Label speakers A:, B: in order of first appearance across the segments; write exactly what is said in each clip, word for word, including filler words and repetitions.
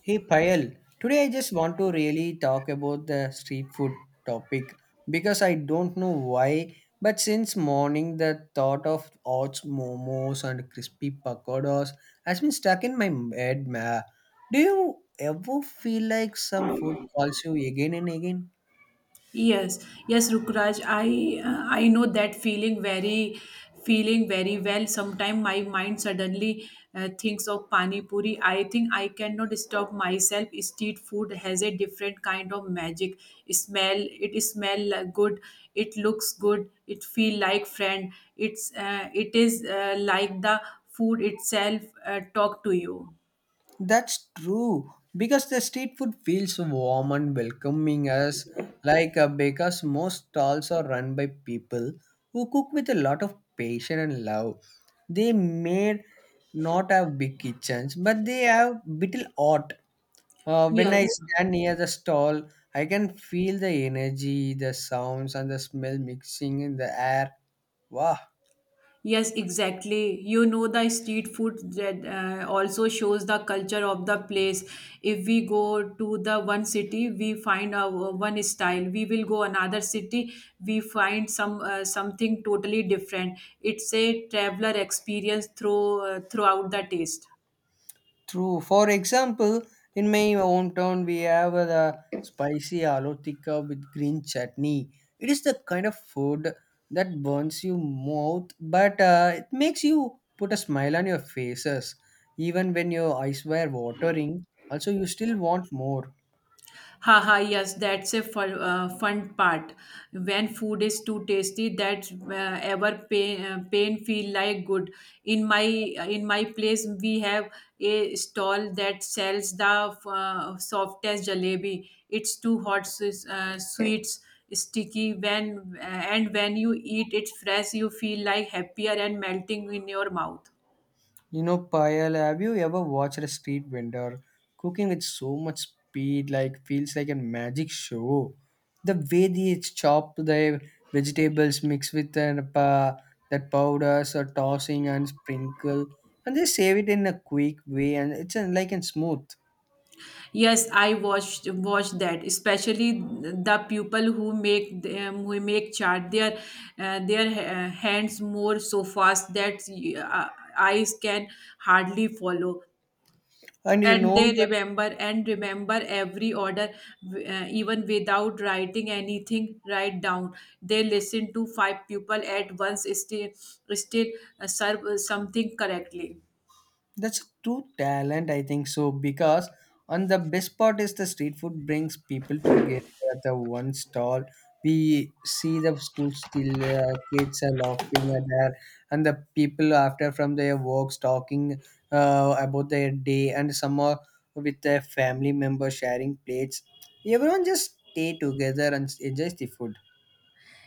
A: Hey Payal, today I just want to really talk about the street food topic because I don't know why, but since morning the thought of hot momos and crispy pakoras has been stuck in my head. Ma. Do you ever feel like some food calls you again and again?
B: Yes, yes, Rukraj, I uh, I know that feeling very feeling very well. Sometimes my mind suddenly uh, thinks of pani puri. I think I cannot stop myself. Street food has a different kind of magic. Smell it smell like good. It looks good. It feel like friend. It's uh, it is uh, Like the food itself uh, talk to you.
A: That's true because the street food feels warm and welcoming as like uh, because most stalls are run by people who cook with a lot of passion and love. They may not have big kitchens, but they have little art. Uh, when I
B: Yes.
A: stand near the stall, I can feel the energy, the sounds, and the smell mixing in the air. Wow.
B: Yes, exactly. You know, the street food that uh, also shows the culture of the place. If we go to the one city, we find our uh, one style. We will go another city, we find some uh, something totally different. It's a traveler experience through uh, throughout the taste.
A: True. For example, in my hometown, we have uh, the spicy aloo tikka with green chutney. It is the kind of food that burns your mouth, but uh, it makes you put a smile on your faces, even when your eyes were watering. Also, you still want more.
B: Haha, yes, that's a fun, uh, fun part. When food is too tasty, that uh, ever pain, uh, pain feel like good. In my in my place, we have a stall that sells the uh, softest jalebi. It's too hot, so it's, uh, sweets, sticky. When uh, and when you eat it fresh, you feel like happier and melting in your mouth.
A: You know, Payal, have you ever watched a street vendor cooking with so much speed, like feels like a magic show? The way they chop their vegetables, mix with an, uh, that powders or tossing and sprinkle, and they save it in a quick way, and it's uh, like and smooth.
B: Yes, I watched watched that, especially the people who make them, who make chart their uh, their uh, hands more so fast that uh, eyes can hardly follow,
A: And you
B: and
A: know
B: they remember and remember every order, uh, even without writing anything. Write down. They listen to five people at once, still still uh, serve uh, something correctly.
A: That's a true talent, I think so, because on the best part is the street food brings people together at the one stall. We see the school still uh, kids are laughing at her, and the people after from their works talking uh, about their day, and some are with their family members sharing plates. Everyone just stay together and enjoys the food.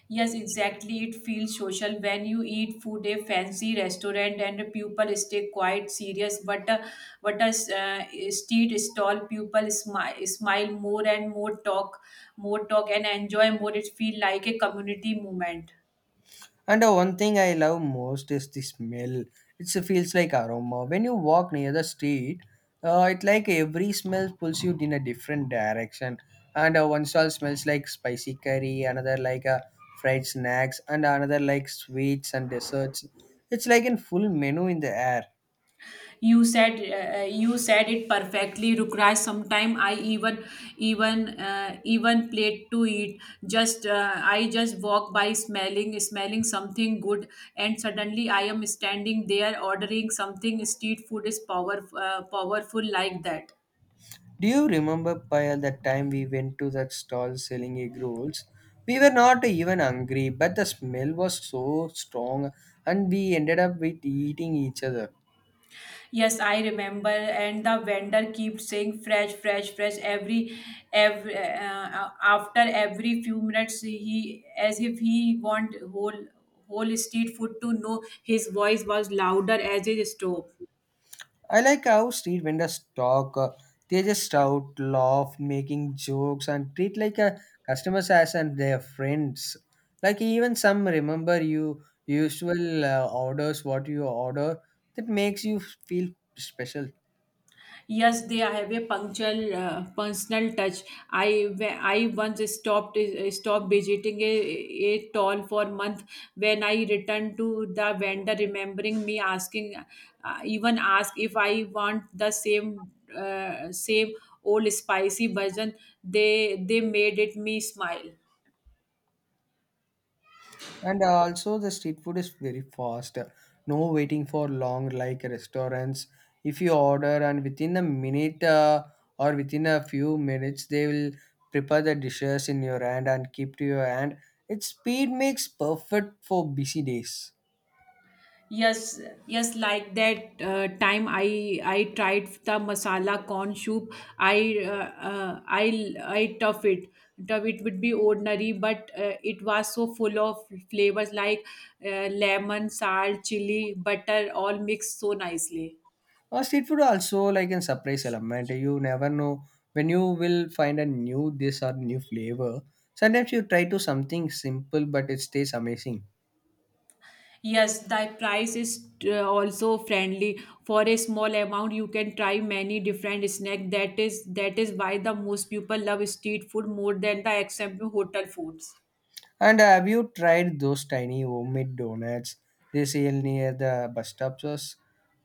B: Yes, exactly. It feels social when you eat food a fancy restaurant and people stay quite serious. But uh, but a uh, street stall, people smile, smile more and more, talk more, talk and enjoy more. It feel like a community movement.
A: And uh, one thing I love most is the smell. It feels like aroma. When you walk near the street, uh, it like every smell pulls you in a different direction. And uh, one stall smells like spicy curry, another like uh, fried snacks, and another like sweets and desserts. It's like a full menu in the air.
B: You said uh, uh, you said it perfectly, Rukraj. Sometime i even even uh, even plate to eat. Just uh, i just walk by smelling smelling something good, and suddenly I am standing there ordering something. Street food is power uh, powerful like that.
A: Do you remember Payal the time we went to that stall selling egg rolls? We were not even hungry, but the smell was so strong, and we ended up with eating each other.
B: Yes, I remember, and the vendor keeps saying fresh, fresh, fresh every, every uh, uh, after every few minutes. He as if he want whole whole street food to know. His voice was louder as his stove.
A: I like how street vendors talk. Uh, they just shout, laugh, making jokes, and treat like a customers as and their friends. Like even some remember you usual uh, orders, what you order that makes you feel special.
B: Yes, they have a punctual uh, personal touch. I I once stopped uh, stopped visiting a, a toll for a month. When I returned to the vendor, remembering me asking, uh, even ask if I want the same uh, same old spicy version, they they made it me smile.
A: And also, the street food is very fast. No waiting for long like restaurants. If you order and within a minute uh, or within a few minutes, they will prepare the dishes in your hand and keep to your hand. Its speed makes perfect for busy days.
B: Yes, yes, like that uh, time I I tried the masala corn soup. I uh, uh, I I tough it. Tough it would be ordinary, but uh, it was so full of flavors like uh, lemon, salt, chili, butter, all mixed so nicely.
A: Uh, street food also like a surprise element. You never know when you will find a new dish or new flavor. Sometimes you try to something simple, but it stays amazing.
B: Yes, the price is uh, also friendly. For a small amount, you can try many different snack. That is that is why the most people love street food more than the example hotel foods.
A: And have you tried those tiny homemade donuts they sell near the bus stops?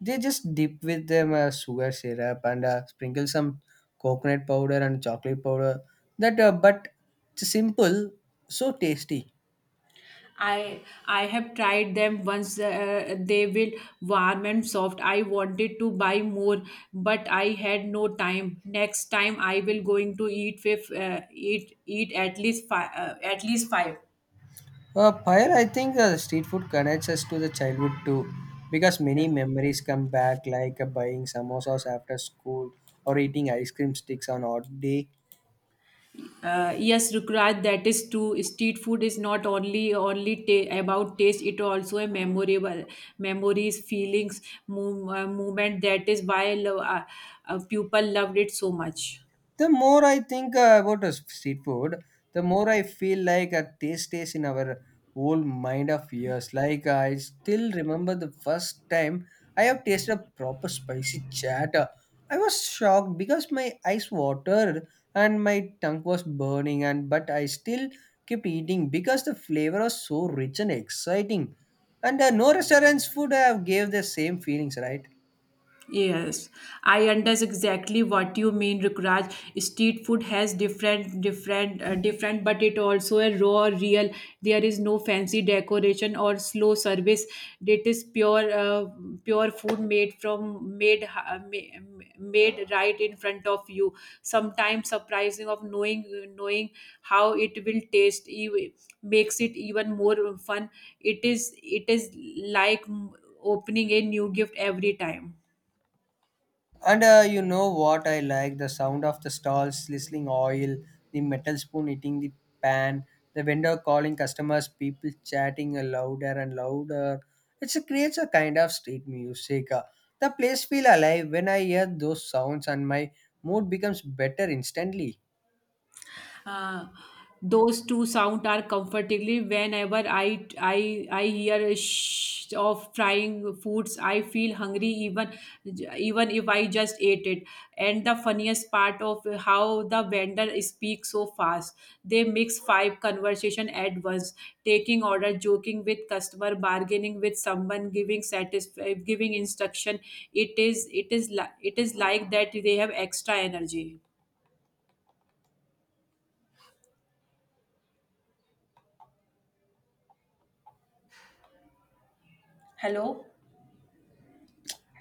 A: They just dip with them uh, sugar syrup and uh, sprinkle some coconut powder and chocolate powder. That uh, but it's simple, so tasty.
B: I I have tried them once. Uh, they will warm and soft. I wanted to buy more, but I had no time. Next time I will going to eat with uh, eat eat at least five, uh, at least five.
A: Uh, Pyre, I think uh, street food connects us to the childhood too, because many
B: Yes.
A: memories come back, like uh, buying samosas after school or eating ice cream sticks on odd day.
B: Uh, yes, Rukraj, that is true. Street food is not only only ta- about taste; it also a memorable memories, feelings, move, uh, movement. That is why I love, uh, uh, people loved it so much.
A: The more I think uh, about uh, street food, the more I feel like a taste stays in our old mind of years. Like uh, I still remember the first time I have tasted a proper spicy chat. Uh, I was shocked because my eyes watered and my tongue was burning, and but I still kept eating because the flavor was so rich and exciting. And uh, no restaurant's food have gave the same feelings, right?
B: Yes, I understand exactly what you mean, Rukraj. Street food has different, different, uh, different, but it also a raw, real. There is no fancy decoration or slow service. It is pure, uh, pure food made from made ha- ma- made right in front of you. Sometimes surprising of knowing knowing how it will taste e- makes it even more fun. It is it is like mm, opening a new gift every time.
A: And uh, you know what I like? The sound of the stalls sizzling oil, the metal spoon hitting the pan, the vendor calling customers, people chatting uh, louder and louder. It's, it creates a kind of street music. Uh, The place feel alive when I hear those sounds and my mood becomes better instantly.
B: Uh, those two sound are comfortably whenever I I I hear a sh- of frying foods I feel hungry, even even if I just ate it. And the funniest part of how the vendor speaks so fast, they mix five conversation at once, taking order, joking with customer, bargaining with someone, giving satisf- giving instruction. It is it is li- it is like that they have extra energy. Hello?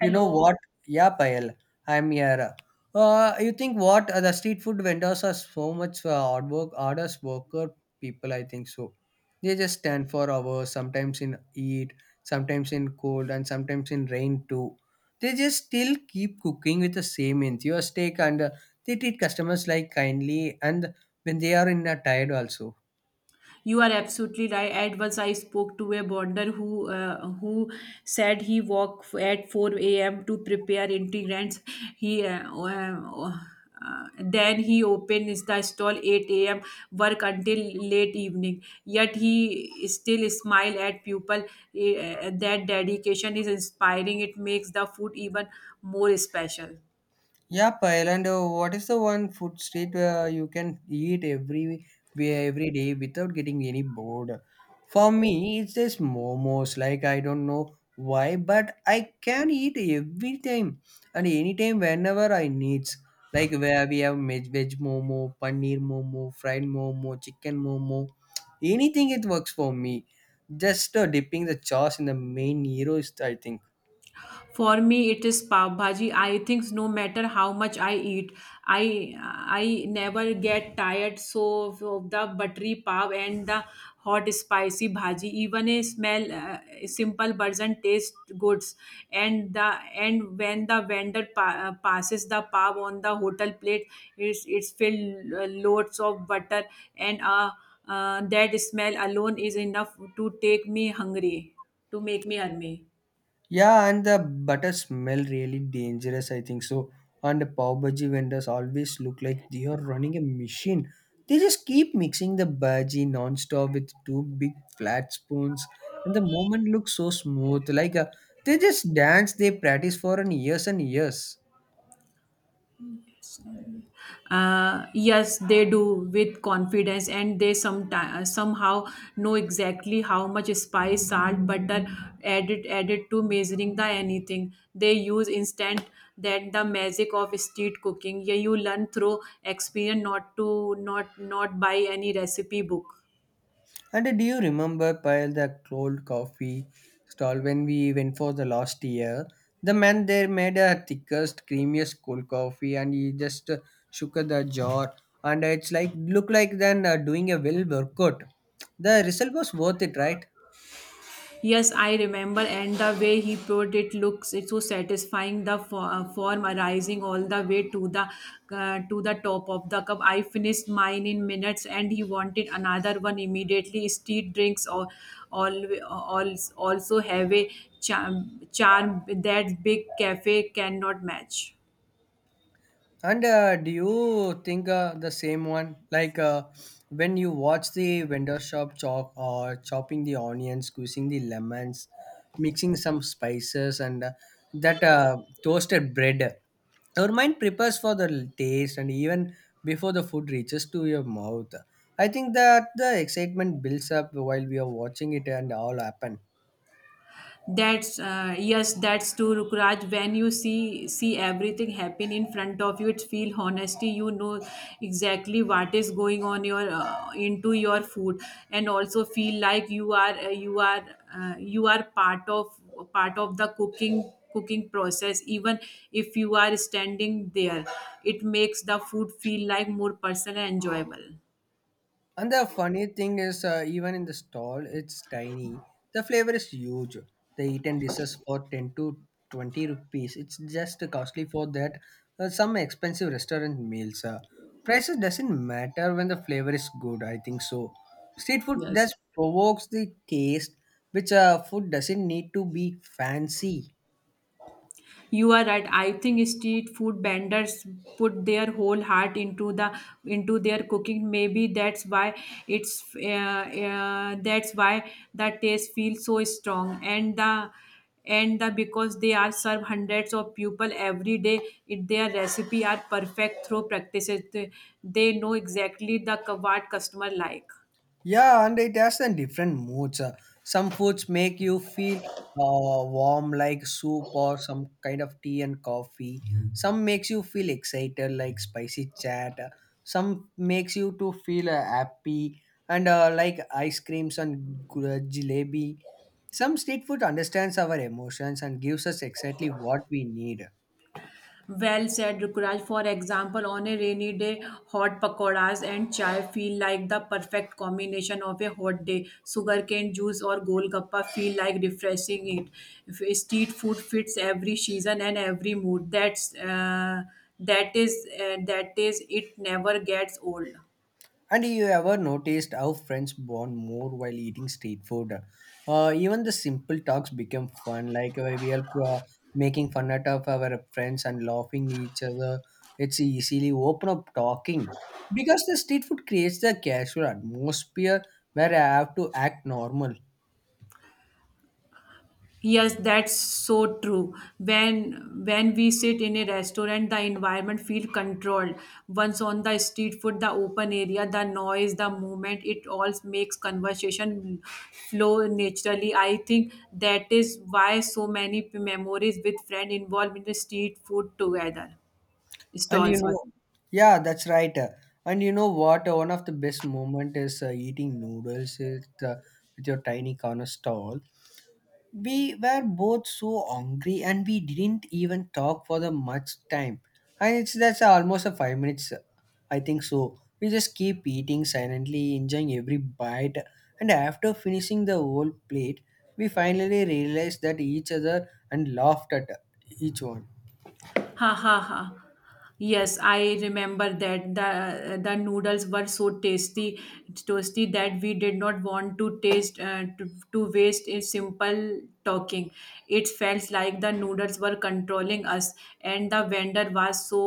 A: You know what? Yeah, Payal, I'm here. Uh, you think what? Uh, the street food vendors are so much uh, hard work, hardest worker people. I think so. They just stand for hours, sometimes in heat, sometimes in cold, and sometimes in rain too. They just still keep cooking with the same enthusiastic, and uh, they treat customers like kindly, and when they are in a tired also.
B: You are absolutely right. At once I spoke to a bonder who uh, who said he woke at four a m to prepare integrants. He uh, uh, uh, Then he opens the stall eight a m, work until late evening. Yet he still smile at people. Uh, that dedication is inspiring. It makes the food even more special.
A: Yeah, Payal, and uh, what is the one food street where you can eat every where every day without getting any bored? For me, it's just momos. Like I don't know why, but I can eat every time and anytime whenever I needs. Like where we have veg, veg momo, paneer momo, fried momo, chicken momo, anything it works for me. Just uh, dipping the sauce in the main hero is I think.
B: For me, it is pav bhaji. I think no matter how much I eat, I I never get tired. So of the buttery pav and the hot spicy bhaji, even a smell uh, simple version taste goods. And the and when the vendor pa- uh, passes the pav on the hotel plate, it's it's filled uh, loads of butter and uh, uh, that smell alone is enough to take me hungry, to make me hungry.
A: Yeah, and the butter smell really dangerous, I think so. And the pav bhaji vendors always look like they are running a machine. They just keep mixing the bhaji non-stop with two big flat spoons, and the moment looks so smooth. Like uh, they just dance, they practice for an years and years.
B: Uh, yes, they do with confidence, and they sometimes somehow know exactly how much spice, salt, butter added added to measuring the anything. They use instant that the magic of street cooking. Yeah, you learn through experience, not to not not by any recipe book.
A: And do you remember Pyle the cold coffee stall when we went for the last year? The man there made a thickest, creamiest cold coffee and he just uh, shook the jar and it's like look like then uh, doing a well workout. The result was worth it, right?
B: Yes, I remember, and the way he poured it looks it's so satisfying. The fo- uh, form arising all the way to the uh, to the top of the cup. I finished mine in minutes, and he wanted another one immediately. Street drinks or all, all also have a charm, charm that big cafe cannot match.
A: And uh, do you think uh, the same one? Like uh, when you watch the vendor shop chop or chopping the onions, squeezing the lemons, mixing some spices and uh, that uh, toasted bread. Our mind prepares for the taste and even before the food reaches to your mouth. I think that the excitement builds up while we are watching it and all happen.
B: That's uh, Yes, that's true, Rukraj. When you see see everything happen in front of you, it feel honesty. You know exactly what is going on your uh, into your food, and also feel like you are uh, you are uh, you are part of part of the cooking cooking process. Even if you are standing there, it makes the food feel like more personal and enjoyable.
A: And the funny thing is, uh, even in the stall, it's tiny. The flavor is huge. The eaten dishes for ten to twenty rupees. It's just costly for that. Uh, some expensive restaurant meals. Uh, prices doesn't matter when the flavor is good. I think so. Street food
B: Yes.
A: just provokes the taste, which uh, food doesn't need to be fancy.
B: You are right, I think street food vendors put their whole heart into the into their cooking. Maybe that's why it's uh, uh, that's why the taste feels so strong, and the and the because they are serve hundreds of people every day, it, their recipe are perfect through practices. They, they know exactly the cu- what customer like.
A: Yeah, and it has a different moods. Uh, Some foods make you feel uh, warm, like soup or some kind of tea and coffee. Mhm. Some makes you feel excited, like spicy chat. Uh, Some makes you to feel uh, happy, and uh, like ice creams and gu- uh, jalebi. Some street food understands our emotions and gives us exactly what we need.
B: Well said, Rukraj. For example, on a rainy day, hot pakoras and chai feel like the perfect combination of a hot day. Sugarcane juice or golgappa feel like refreshing it. F- Street food fits every season and every mood. That's uh, that is uh, that is it never gets old.
A: And you ever noticed how friends bond more while eating street food? Uh, even the simple talks become fun. Like uh, we are uh, making fun out of our friends and laughing each other. It's easily open up talking because the street food creates the casual atmosphere where I have to act normal.
B: Yes, that's so true. When when we sit in a restaurant, the environment feel controlled. Once on the street food, the open area, the noise, the movement, it all makes conversation flow naturally. I think that is why so many p- memories with friends involved in the street food together.
A: And you
B: Stalls, sorry.
A: know, yeah, that's right. Uh, And you know what? Uh, One of the best moment is uh, eating noodles with, uh, with your tiny corner stall. We were both so hungry and we didn't even talk for the much time. And it's that's almost a five minutes, I think so. We just keep eating silently, enjoying every bite. And after finishing the whole plate, we finally realized that each other and laughed at each one.
B: Ha ha ha. Yes, I remember that the the noodles were so tasty, toasty that we did not want to taste uh, to, to waste a simple talking. It felt like the noodles were controlling us, and the vendor was so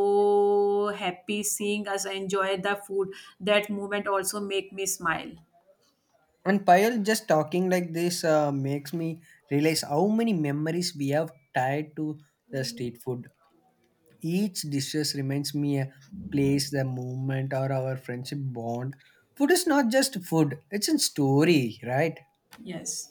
B: happy seeing us enjoy the food. That moment also make me smile.
A: And Payal just talking like this uh, makes me realize how many memories we have tied to the street food. Each dishes reminds me a place, the moment, or our friendship bond. Food is not just food, it's a story, right?
B: Yes.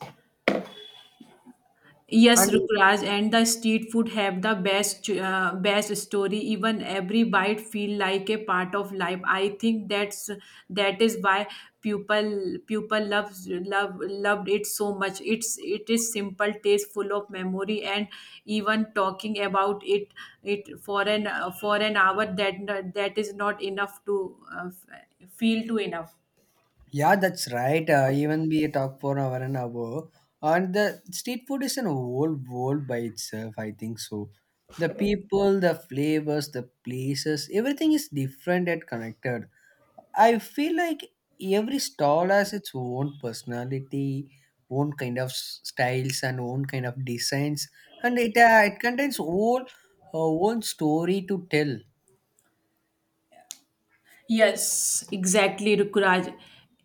B: Yes,
A: And
B: Rukraj, and the street food have the best uh, best story. Even every bite feel like a part of life. I think that's that is why people people loves love loved it so much. It's it is simple, taste, full of memory, and even talking about it it for an for an hour, that that is not enough to uh, f- feel to enough.
A: Yeah, that's right. Uh, even we talk for an hour and hour, and the street food is an whole world by itself. I think so. The people, the flavors, the places, everything is different and connected. I feel like every stall has its own personality, own kind of s- styles, and own kind of designs, and it uh, it contains whole uh, own story to tell.
B: Yes, exactly, Rukraj.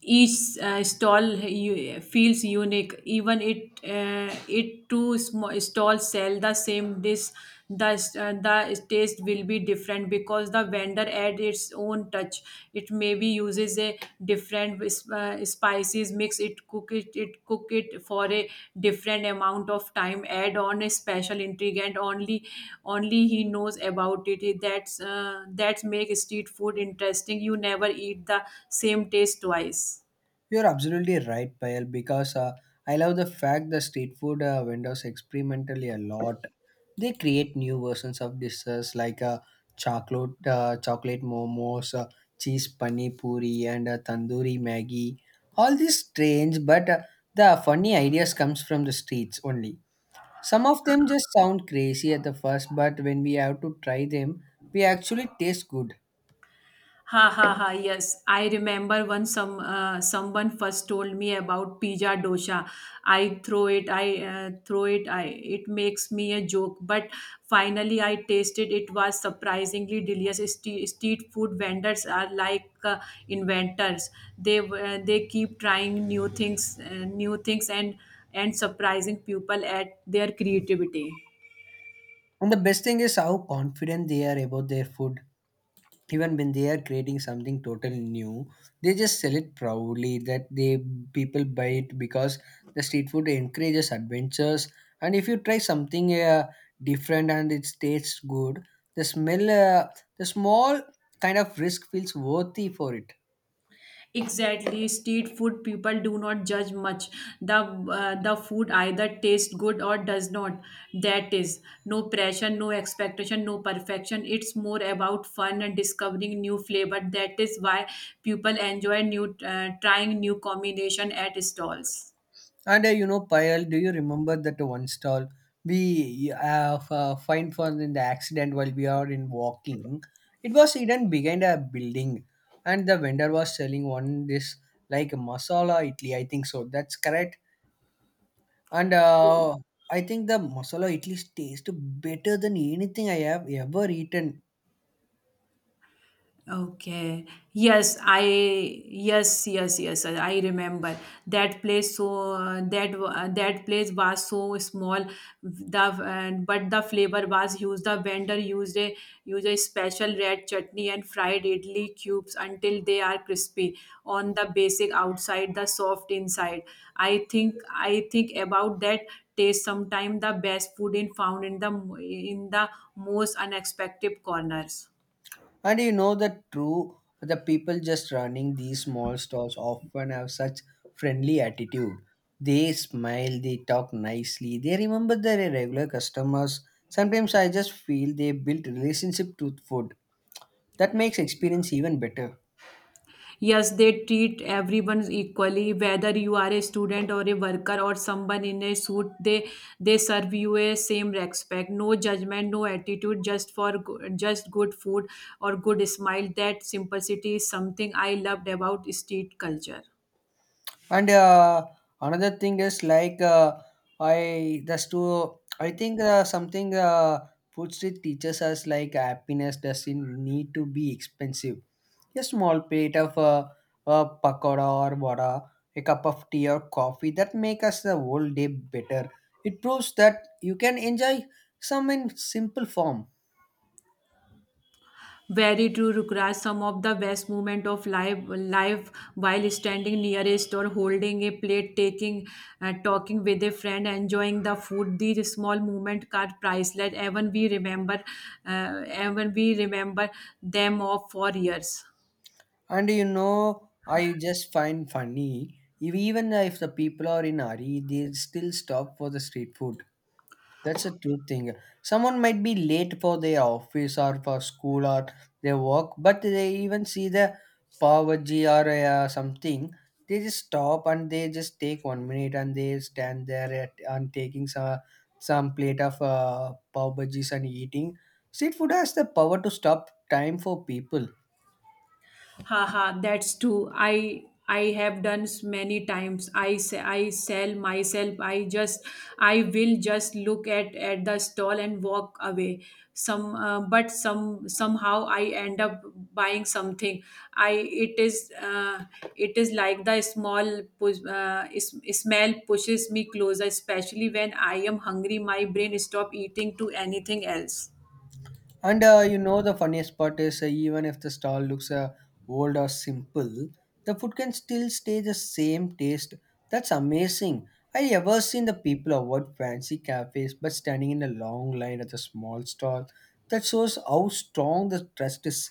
B: Each uh, stall u- feels unique. Even it, uh, it two small stalls sell the same dish. The s- uh, the taste will be different because the vendor adds its own touch. It maybe uses is a different uh, spices mix it cook it it cook it for a different amount of time, add on a special ingredient only only he knows about it. That's uh, that's make street food interesting, you never eat the same taste twice.
A: You're absolutely right, Payal, because uh, I love the fact the street food uh, vendors experimentally a lot. They create new versions of dishes like uh, chocolate, uh, chocolate momos, uh, cheese pani puri, and uh, tandoori maggi. All these strange, but uh, the funny ideas comes from the streets only. Some of them just sound crazy at the first, but when we have to try them, we actually taste good.
B: Ha ha ha! Yes, I remember when some uh, someone first told me about pizza dosa. I throw it. I uh, throw it. I it makes me a joke. But finally, I tasted. It was surprisingly delicious. Ste- Street food vendors are like uh, inventors. They uh, they keep trying new things, uh, new things, and and surprising people at their creativity.
A: And the best thing is how confident they are about their food even when they are creating something totally new, they just sell it proudly that they people buy it because the street food encourages adventures. And if you try something uh, different and it tastes good, the smell uh, the small kind of risk feels worthy for it.
B: Exactly, street food people do not judge much. The uh, the food either tastes good or does not. That is no pressure, no expectation, no perfection. It's more about fun and discovering new flavor. That is why people enjoy new uh, trying new combination at stalls.
A: And uh, you know, Payal, do you remember that one stall we uh, f- uh, find for in the accident while we are in walking? It was hidden behind a building, and the vendor was selling one this like masala idli. I think so. That's correct. And uh, I think the masala idli tastes better than anything I have ever eaten.
B: Okay. Yes, I yes, yes, yes. I I remember that place. So uh, that wa- uh, that place was so small. The and but the flavor was used. The vendor used a used a special red chutney and fried idli cubes until they are crispy on the basic outside, the soft inside. I think I think about that taste sometime the best food in found in the in the most unexpected corners.
A: And you know that true, the people just running these small stalls often have such friendly attitude. They smile, they talk nicely, they remember their regular customers. Sometimes I just feel they built relationship to food. That makes experience even better.
B: Yes, they treat everyone equally, whether you are a student or a worker or someone in a suit. They they serve you a same respect, no judgment, no attitude, just for go- just good food or good smile. That simplicity is something I loved about street culture.
A: And uh, another thing is like uh, I just to I think uh, something uh, food street teaches us like happiness doesn't need to be expensive. A small plate of uh, a pakoda or vada, a cup of tea or coffee that make us the whole day better. It proves that you can enjoy some in simple form.
B: Very true, Rukraj. Some of the best moment of life, life while standing nearest or holding a plate, taking, uh, talking with a friend, enjoying the food. These small moment are priceless. Even we remember, uh, even we remember them of for years.
A: And you know, I just find funny if even if the people are in hurry, they still stop for the street food. That's a true thing. Someone might be late for their office or for school or their work, but they even see the Pavaji or uh, something. They just stop and they just take one minute and they stand there at, and taking some some plate of uh, pav and eating. Street food has the power to stop time for people.
B: Haha, that's true, i i have done s- many times. I say I sell myself. I just, I will just look at at the stall and walk away some. Uh, but some somehow I end up buying something. I, it is uh, it is like the small push, uh, is, smell pushes me closer, especially when I am hungry. My brain stop eating to anything else.
A: And uh, you know, the funniest part is uh, even if the stall looks uh, old or simple, the food can still stay the same taste. That's amazing. I ever seen the people avoid fancy cafes but standing in a long line at the small stall. That shows how strong the trust is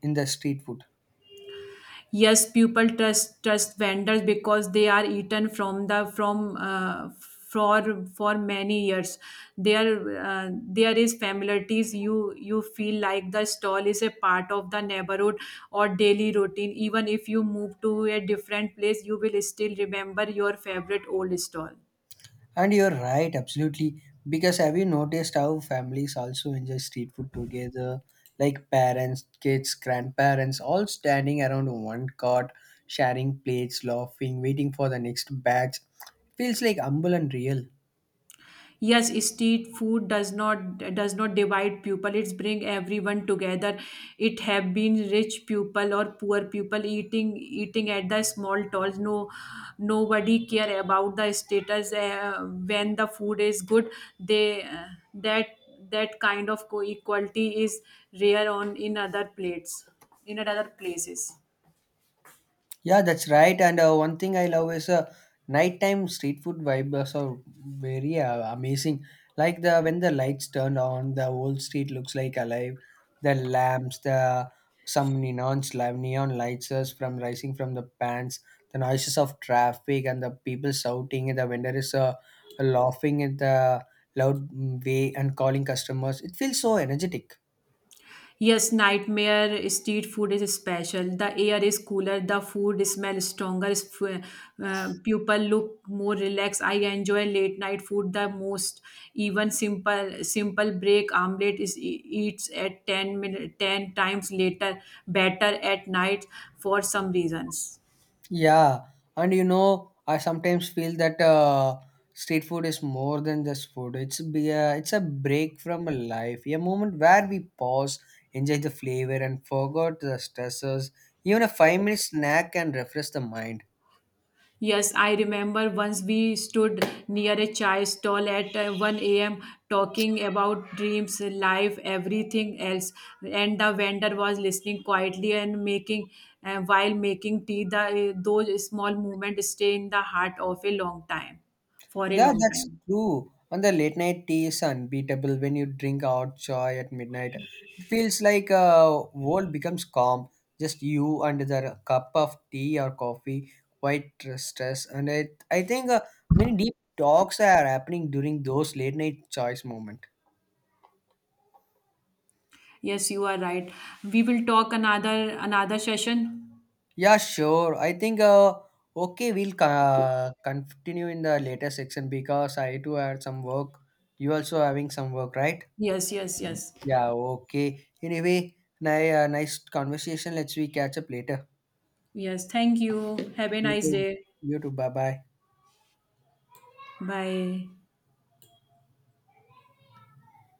A: in the street food.
B: Yes, people trust trust vendors because they are eaten from the from uh, for for many years. There uh, there is familiarities. You you feel like the stall is a part of the neighborhood or daily routine. Even if you move to a different place, you will still remember your favorite old stall.
A: And you're right, absolutely. Because have you noticed how families also enjoy street food together? Like parents, kids, grandparents, all standing around one cart, sharing plates, laughing, waiting for the next batch. Feels like humble and real.
B: Yes, street food does not does not divide people. It's bring everyone together. It have been rich people or poor people, eating eating at the small stalls. No, nobody care about the status. Uh, when the food is good, they uh, that that kind of co- equality is rare on in other plates, in other places.
A: Yeah, that's right. And uh, one thing I love is uh, nighttime street food vibes are very uh, amazing. Like the when the lights turned on, the whole street looks like alive. The lamps, the some neon lam- neon lights is from rising from the pans, the noises of traffic and the people shouting, and the vendor is uh, laughing in the loud mm, way and calling customers. It feels so energetic.
B: Yes, nightmare street food is special. The air is cooler, the food smells stronger, s- uh, uh, people look more relaxed. I enjoy late night food the most. Even simple simple break omelette is e- eats at ten minute ten times later better at night for some reasons.
A: Yeah, and you know, I sometimes feel that uh, street food is more than just food. It's be a, it's a break from a life, a moment where we pause, enjoy the flavor, and forget the stressors. Even a five minute snack can refresh the mind.
B: Yes, I remember once we stood near a chai stall at uh, one a m talking about dreams, life, everything else. And the vendor was listening quietly and making, uh, while making tea, the, uh, those small movements stay in the heart of a long time, for a
A: Yeah,
B: long
A: that's
B: time.
A: true. And the late night tea is unbeatable when you drink out chai at midnight. It feels like uh, world becomes calm. Just you and the cup of tea or coffee, quite stress. And I, I think uh, many deep talks are happening during those late night choice moment.
B: Yes, you are right. We will talk another another session.
A: Yeah, sure. I think uh, okay, we'll uh, continue in the later section because I too had some work. You also having some work, right?
B: Yes, yes, yes.
A: Yeah, okay. Anyway, ni- uh, nice conversation. Let's we catch up later.
B: Yes, thank you. Have a
A: You
B: nice
A: too.
B: day.
A: You too. Bye bye.
B: Bye.